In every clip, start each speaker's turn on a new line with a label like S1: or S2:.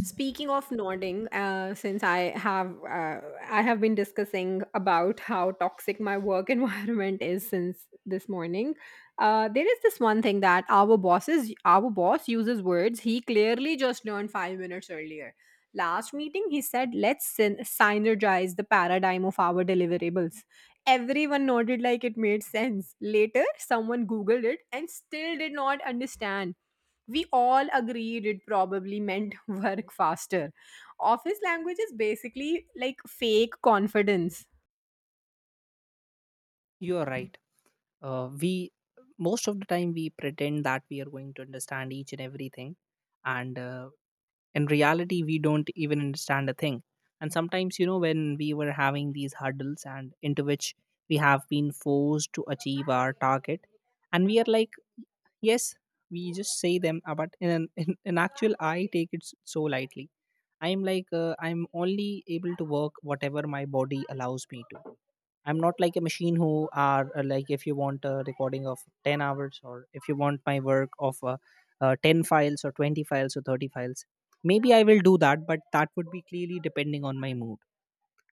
S1: Speaking of nodding, since I have been discussing about how toxic my work environment is since this morning, there is this one thing that our boss uses words he clearly just learned 5 minutes earlier. Last meeting, he said, "Let's synergize the paradigm of our deliverables." Everyone nodded like it made sense. Later, someone googled it and still did not understand, we all agreed it probably meant work faster. Office language is basically like fake confidence.
S2: You are right. We most of the time we pretend that we are going to understand each and everything, and in reality, we don't even understand a thing. And sometimes, you know, when we were having these hurdles and into which we have been forced to achieve our target, and we are like, yes, we just say them, but in actual, I take it so lightly. I'm like, I'm only able to work whatever my body allows me to. I'm not like a machine who are like if you want a recording of 10 hours or if you want my work of 10 files or 20 files or 30 files. Maybe I will do that, but that would be clearly depending on my mood.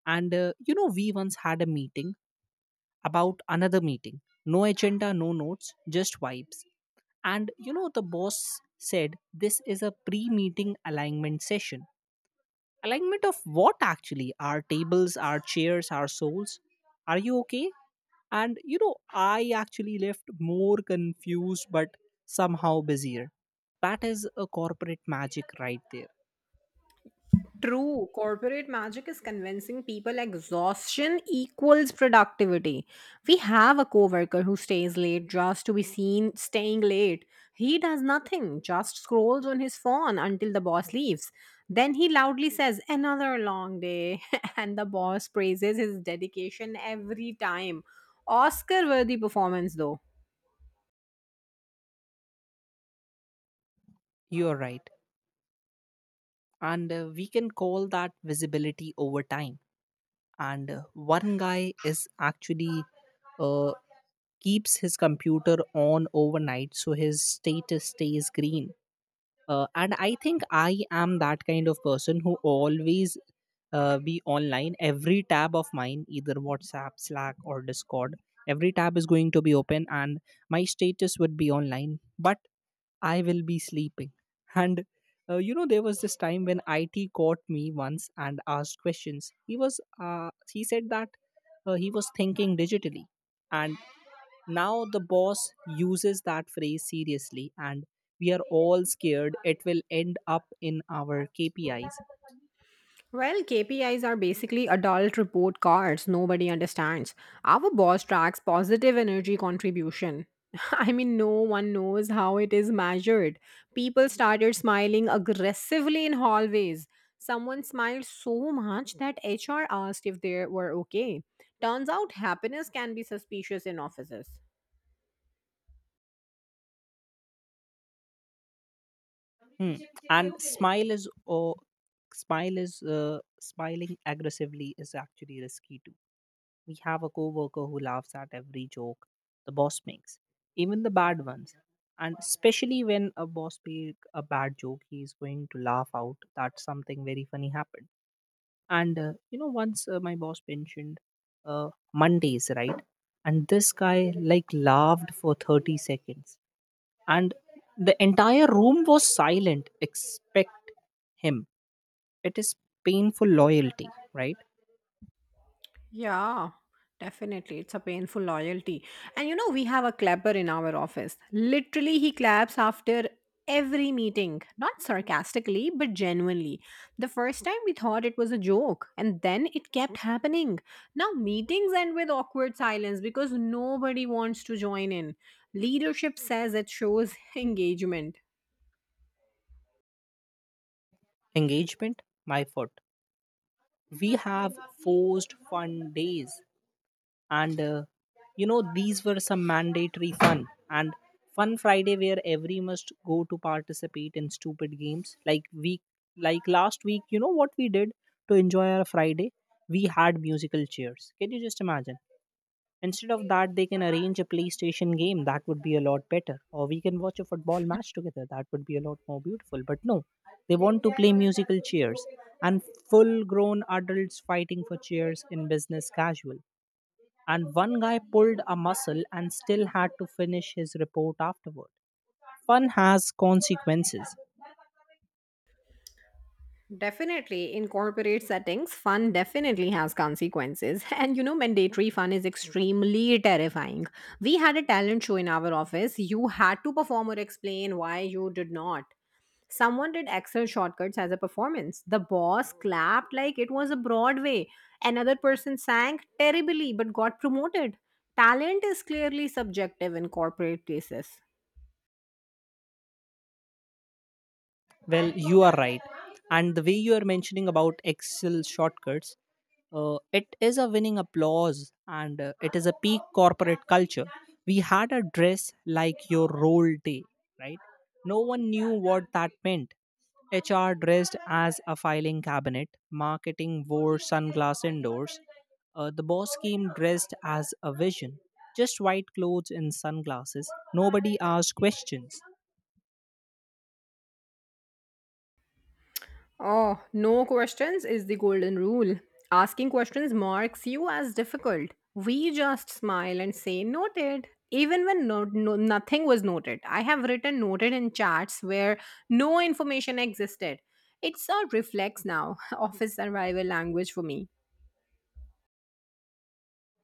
S2: And You know, we once had a meeting about another meeting. No agenda, no notes, just vibes. And you know, the boss said this is a pre meeting alignment session. Alignment of what actually? Our tables, our chairs, our souls? Are you okay? And you know, I actually left more confused but somehow busier. That is a corporate magic right there.
S1: True, corporate magic is convincing people exhaustion equals productivity. We have a coworker who stays late just to be seen staying late. He does nothing, just scrolls on his phone until the boss leaves. Then he loudly says, "Another long day," and the boss praises his dedication every time. Oscar worthy performance, though.
S2: You're right. And We can call that visibility over time. And One guy is actually uh, keeps his computer on overnight so his status stays green. And I think I am that kind of person who always be online. Every tab of mine, either WhatsApp, Slack or Discord, every tab is going to be open and my status would be online, but I will be sleeping and you know, there was this time when it caught me once and asked questions. He was he said that he was thinking digitally, and now the boss uses that phrase seriously, and we are all scared it will end up in our KPIs.
S1: Well, KPIs are basically adult report cards nobody understands. Our boss tracks positive energy contribution. I mean, no one knows how it is measured. People started smiling aggressively in hallways. Someone smiled so much that HR asked if they were okay. Turns out happiness can be suspicious in offices.
S2: Hmm. And smile is oh, smile is Smiling aggressively is actually risky too. We have a coworker who laughs at every joke the boss makes, even the bad ones. And especially when a boss make a bad joke, he is going to laugh out that something very funny happened. And You know, once my boss mentioned Mondays, right? And this guy like laughed for 30 seconds, and the entire room was silent. Expect him. It is painful loyalty, right?
S1: Yeah, definitely. It's a painful loyalty. And you know, we have a clapper in our office. Literally, he claps after every meeting, not sarcastically, but genuinely. The first time we thought it was a joke, and then it kept happening. Now, meetings end with awkward silence because nobody wants to join in. Leadership says it shows engagement.
S2: Engagement, my foot. We have forced fun days. And You know, these were some mandatory fun and fun Friday where every must go to participate in stupid games. Like last week, you know what we did to enjoy our Friday? We had musical chairs. Can you just imagine? Instead of that, they can arrange a PlayStation game. That would be a lot better, or we can watch a football match together. That would be a lot more beautiful. But no, they want to play musical chairs. And full grown adults fighting for chairs in business casual, and one guy pulled a muscle and still had to finish his report afterward. Fun has consequences.
S1: Definitely, in corporate settings, fun definitely has consequences. And you know, mandatory fun is extremely terrifying. We had a talent show in our office. You had to perform or explain why you did not. Someone did Excel shortcuts as a performance. The boss clapped like it was a Broadway. Another person sang terribly but got promoted. Talent is clearly subjective in corporate places.
S2: Well, you are right. And the way you are mentioning about Excel shortcuts, it is a winning applause and it is a peak corporate culture. We had a dress like your role day, right? No one knew what that meant. HR dressed as a filing cabinet, marketing wore sunglass indoors. The boss came dressed as a vision, just white clothes and sunglasses. Nobody asked questions.
S1: Oh, no questions is the golden rule. Asking questions marks you as difficult. We just smile and say noted. Even when nothing was noted, I have written noted in chats where no information existed. It's a reflex now, office survival language for me.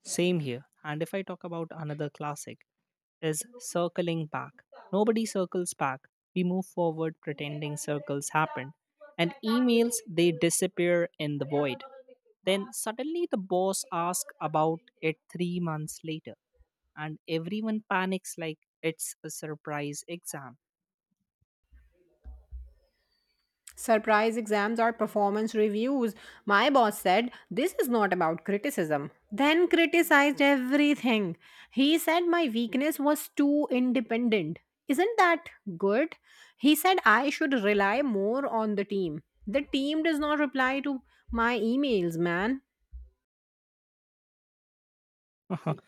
S2: Same here. And if I talk about another classic, is circling back. Nobody circles back. We move forward pretending circles happen. And emails, they disappear in the void. Then suddenly the boss asks about it 3 months later, and everyone panics like it's a surprise exam.
S1: Surprise exams or performance reviews. My boss said, "This is not about criticism." Then criticized everything. He said my weakness was too independent. Isn't that good? He said I should rely more on the team. The team does not reply to my emails, man.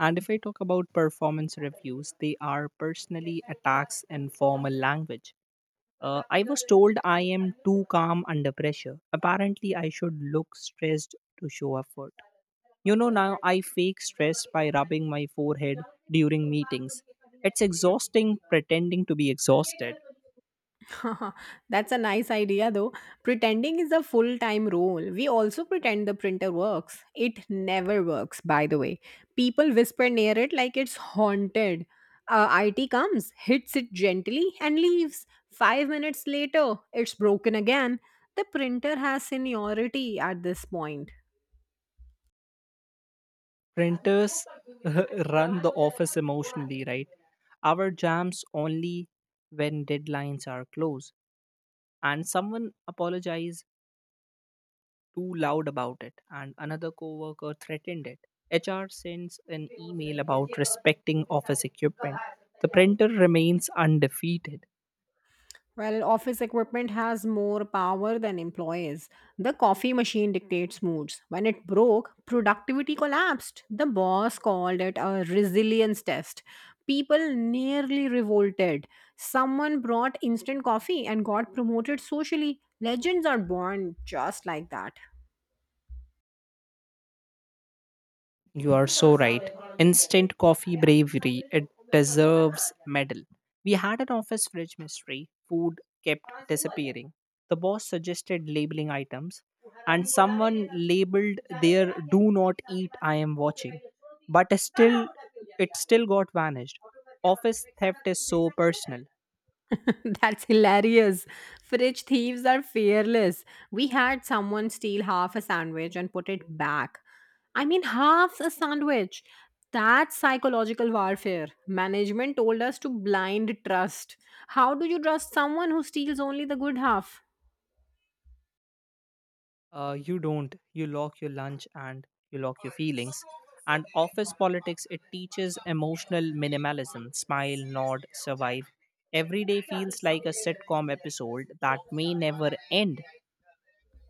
S2: And if I talk about performance reviews, they are personally attacks in formal language. I was told I am too calm under pressure. Apparently, I should look stressed to show effort. You know, now I fake stress by rubbing my forehead during meetings. It's exhausting pretending to be exhausted.
S1: That's a nice idea, though. Pretending is a full time role. We also pretend the printer works. It never works, by the way. People whisper near it like it's haunted. IT comes, hits it gently, and leaves. 5 minutes later, it's broken again. The printer has seniority at this point.
S2: Printers run the office emotionally, right? Our jams only when deadlines are close. And someone apologize too loud about it, and another coworker threatened it. HR sends an email about respecting office equipment. The printer remains undefeated.
S1: Well, office equipment has more power than employees. The coffee machine dictates moods. When it broke, productivity collapsed. The boss called it a resilience test. People nearly revolted. Someone brought instant coffee and got promoted socially. Legends are born just like that.
S2: You are so right. Instant coffee bravery, it deserves medal. We had an office fridge mystery. Food kept disappearing. The boss suggested labeling items, and someone labeled their "Do not eat. I am watching," but still, it still got vanished. Office theft is so personal.
S1: That's hilarious. Fridge thieves are fearless. We had someone steal half a sandwich and put it back. I mean, half a sandwich. That's psychological warfare. Management told us to blind trust. How do you trust someone who steals only the good half?
S2: You don't. You lock your lunch and you lock your feelings. And office politics, it teaches emotional minimalism, smile, nod, survive. Every day feels like a sitcom episode that may never end,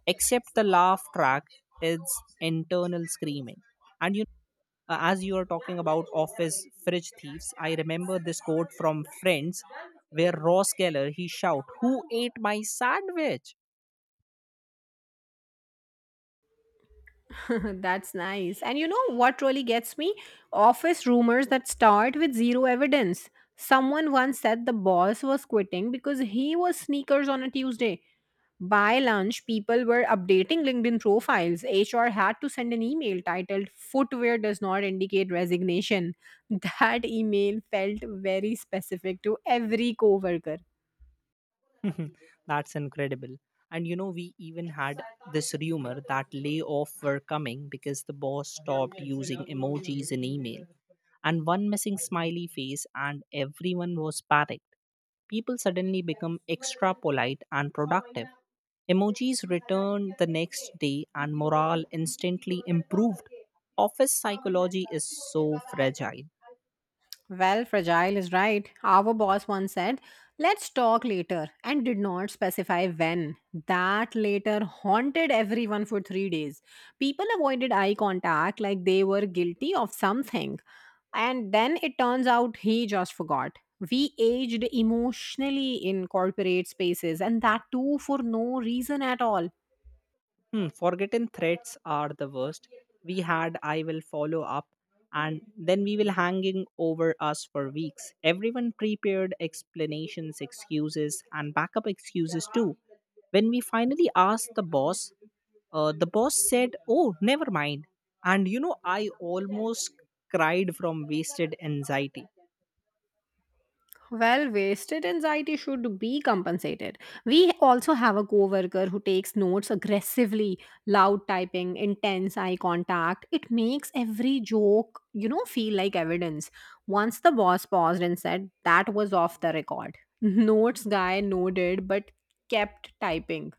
S2: except the laugh track is internal screaming. And you As you are talking about office fridge thieves, I remember this quote from Friends where Ross Geller he shout, "Who ate my sandwich?"
S1: That's nice. And you know what really gets me? Office rumors that start with zero evidence. Someone once said the boss was quitting because he was sneakers on a Tuesday. By lunch, people were updating LinkedIn profiles. HR had to send an email titled "Footwear Does Not Indicate Resignation." That email felt very specific to every coworker.
S2: That's incredible. And you know, we even had this rumor that layoffs were coming because the boss stopped using emojis in email. And one missing smiley face, and everyone was panicked. People suddenly become extra polite and productive. Emojis returned the next day, and morale instantly improved. Office psychology is so fragile.
S1: Well, fragile is right. Our boss once said, "Let's talk later," and did not specify when. That later haunted everyone for 3 days. People avoided eye contact like they were guilty of something. And then it turns out he just forgot. We aged emotionally in corporate spaces, and that too for no reason at all.
S2: Hmm, forgotten threats are the worst. We had "I will follow up," and then we will hanging over us for weeks. Everyone prepared explanations, excuses and backup excuses too. When we finally asked the boss said, "Oh, never mind." And you know, I almost cried from wasted anxiety.
S1: Well, wasted anxiety should be compensated. We also have a coworker who takes notes aggressively, loud typing, intense eye contact. It makes every joke, you know, feel like evidence. Once the boss paused and said that was off the record. Notes guy nodded but kept typing.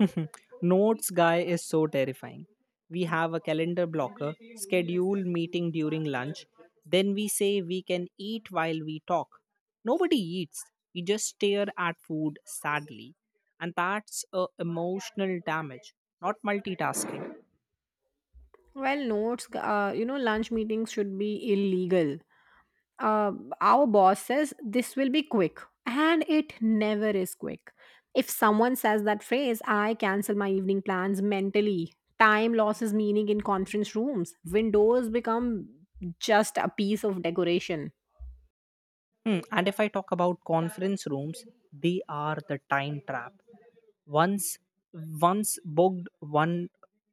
S2: Notes guy is so terrifying. We have a calendar blocker, schedule meeting during lunch, then we say we can eat while we talk. Nobody eats. We just stare at food sadly. And that's a emotional damage, not multitasking.
S1: Well, notes, you know, lunch meetings should be illegal. uh, our boss says this will be quick, and it never is quick. If someone says that phrase, I cancel my evening plans mentally. Time loses meaning in conference rooms. Windows become just a piece of decoration.
S2: Hmm. And if I talk about conference rooms, they are the time trap. once once booked one,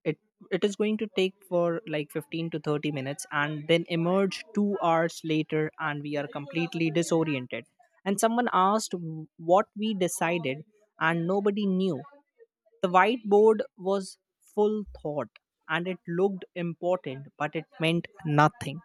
S2: it it is going to take for like 15 to 30 minutes and then emerge 2 hours later and we are completely disoriented. And someone asked what we decided, and nobody knew. The whiteboard was full thought, and it looked important but it meant nothing.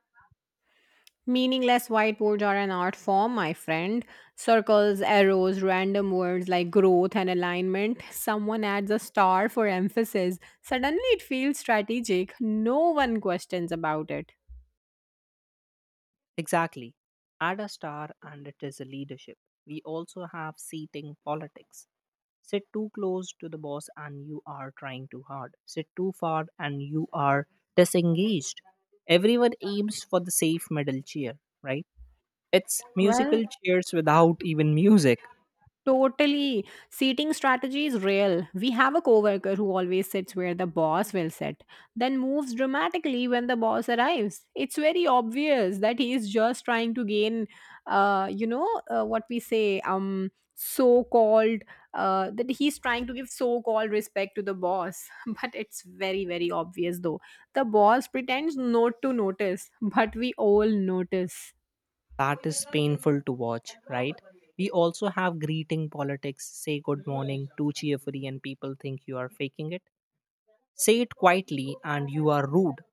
S1: Meaningless whiteboards are an art form, my friend. Circles, arrows, random words like growth and alignment. Someone adds a star for emphasis, suddenly it feels strategic. No one questions about it.
S2: Exactly. Add a star and it is a leadership. We also have seating politics. Sit too close to the boss and you are trying too hard. Sit too far and you are disengaged. Everyone aims for the safe middle chair, right? It's
S1: Well,
S2: musical chairs without even music.
S1: totally. Seating strategy is real. We have a coworker who always sits where the boss will sit, then moves dramatically when the boss arrives. It's very obvious that he is just trying to gain, what we say, so-called, that he's trying to give so-called respect to the boss. But it's very, very obvious though. The boss pretends not to notice, but we all notice.
S2: That is painful to watch, right? We also have greeting politics, say good morning too cheerfully, and people think you are faking it. Say it quietly and you are rude.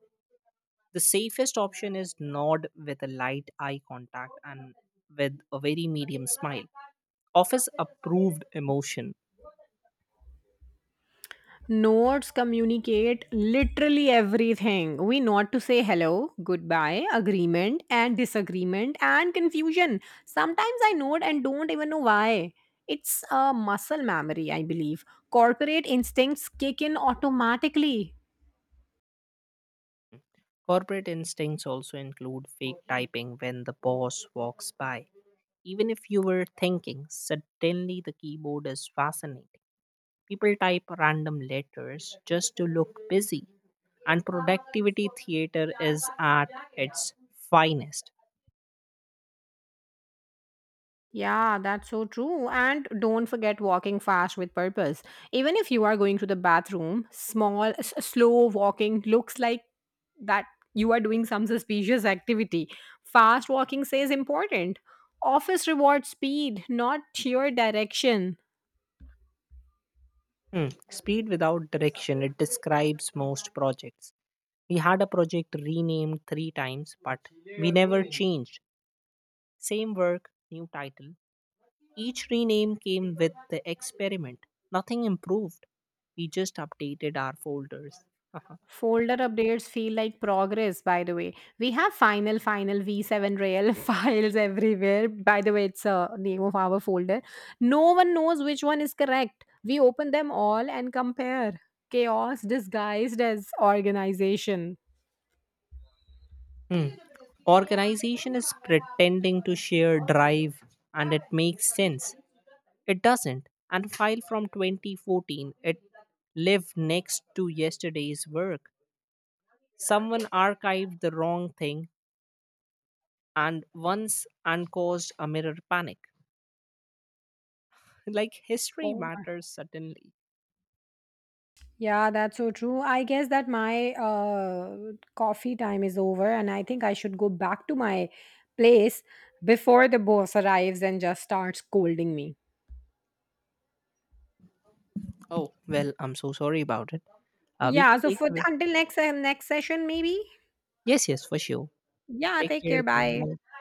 S2: The safest option is nod with a light eye contact and with a very medium smile. Office approved emotion.
S1: Notes communicate literally everything. We not to say hello, goodbye, agreement, and disagreement, and confusion. Sometimes I note and don't even know why. It's a muscle memory, I believe. Corporate instincts kick in automatically.
S2: Corporate instincts also include fake typing when the boss walks by. Even if you were thinking, suddenly the keyboard is fascinating. People type random letters just to look busy, and productivity theater is at its finest.
S1: Yeah, that's so true. And don't forget walking fast with purpose. Even if you are going to the bathroom, slow walking looks like that you are doing some suspicious activity. Fast walking says important. Office rewards speed, not sheer direction.
S2: Hmm, speed without direction, it describes most projects. We had a project renamed three times, but we never changed. Same work, new title. Each rename came with the experiment. Nothing improved. We just updated our folders.
S1: Folder updates feel like progress, by the way. We have final, final V7 rail files everywhere. By the way, it's a name of our folder. No one knows which one is correct. We open them all and compare. Chaos disguised as organization.
S2: Hmm. Organization is pretending to share drive and it makes sense. It doesn't. And file from 2014, it lived next to yesterday's work. Someone archived the wrong thing and once and caused a mirror panic. Like history
S1: Oh.
S2: matters suddenly.
S1: Yeah, that's so true. I guess that my coffee time is over, and I think I should go back to my place before the boss arrives and just starts scolding me.
S2: Oh, well, I'm so sorry about it. We
S1: Yeah,
S2: can
S1: so
S2: take
S1: for
S2: away.
S1: until next session, maybe.
S2: Yes, yes, for sure.
S1: Yeah,
S2: Take
S1: take
S2: care
S1: care.
S2: then.
S1: Bye.
S2: Bye.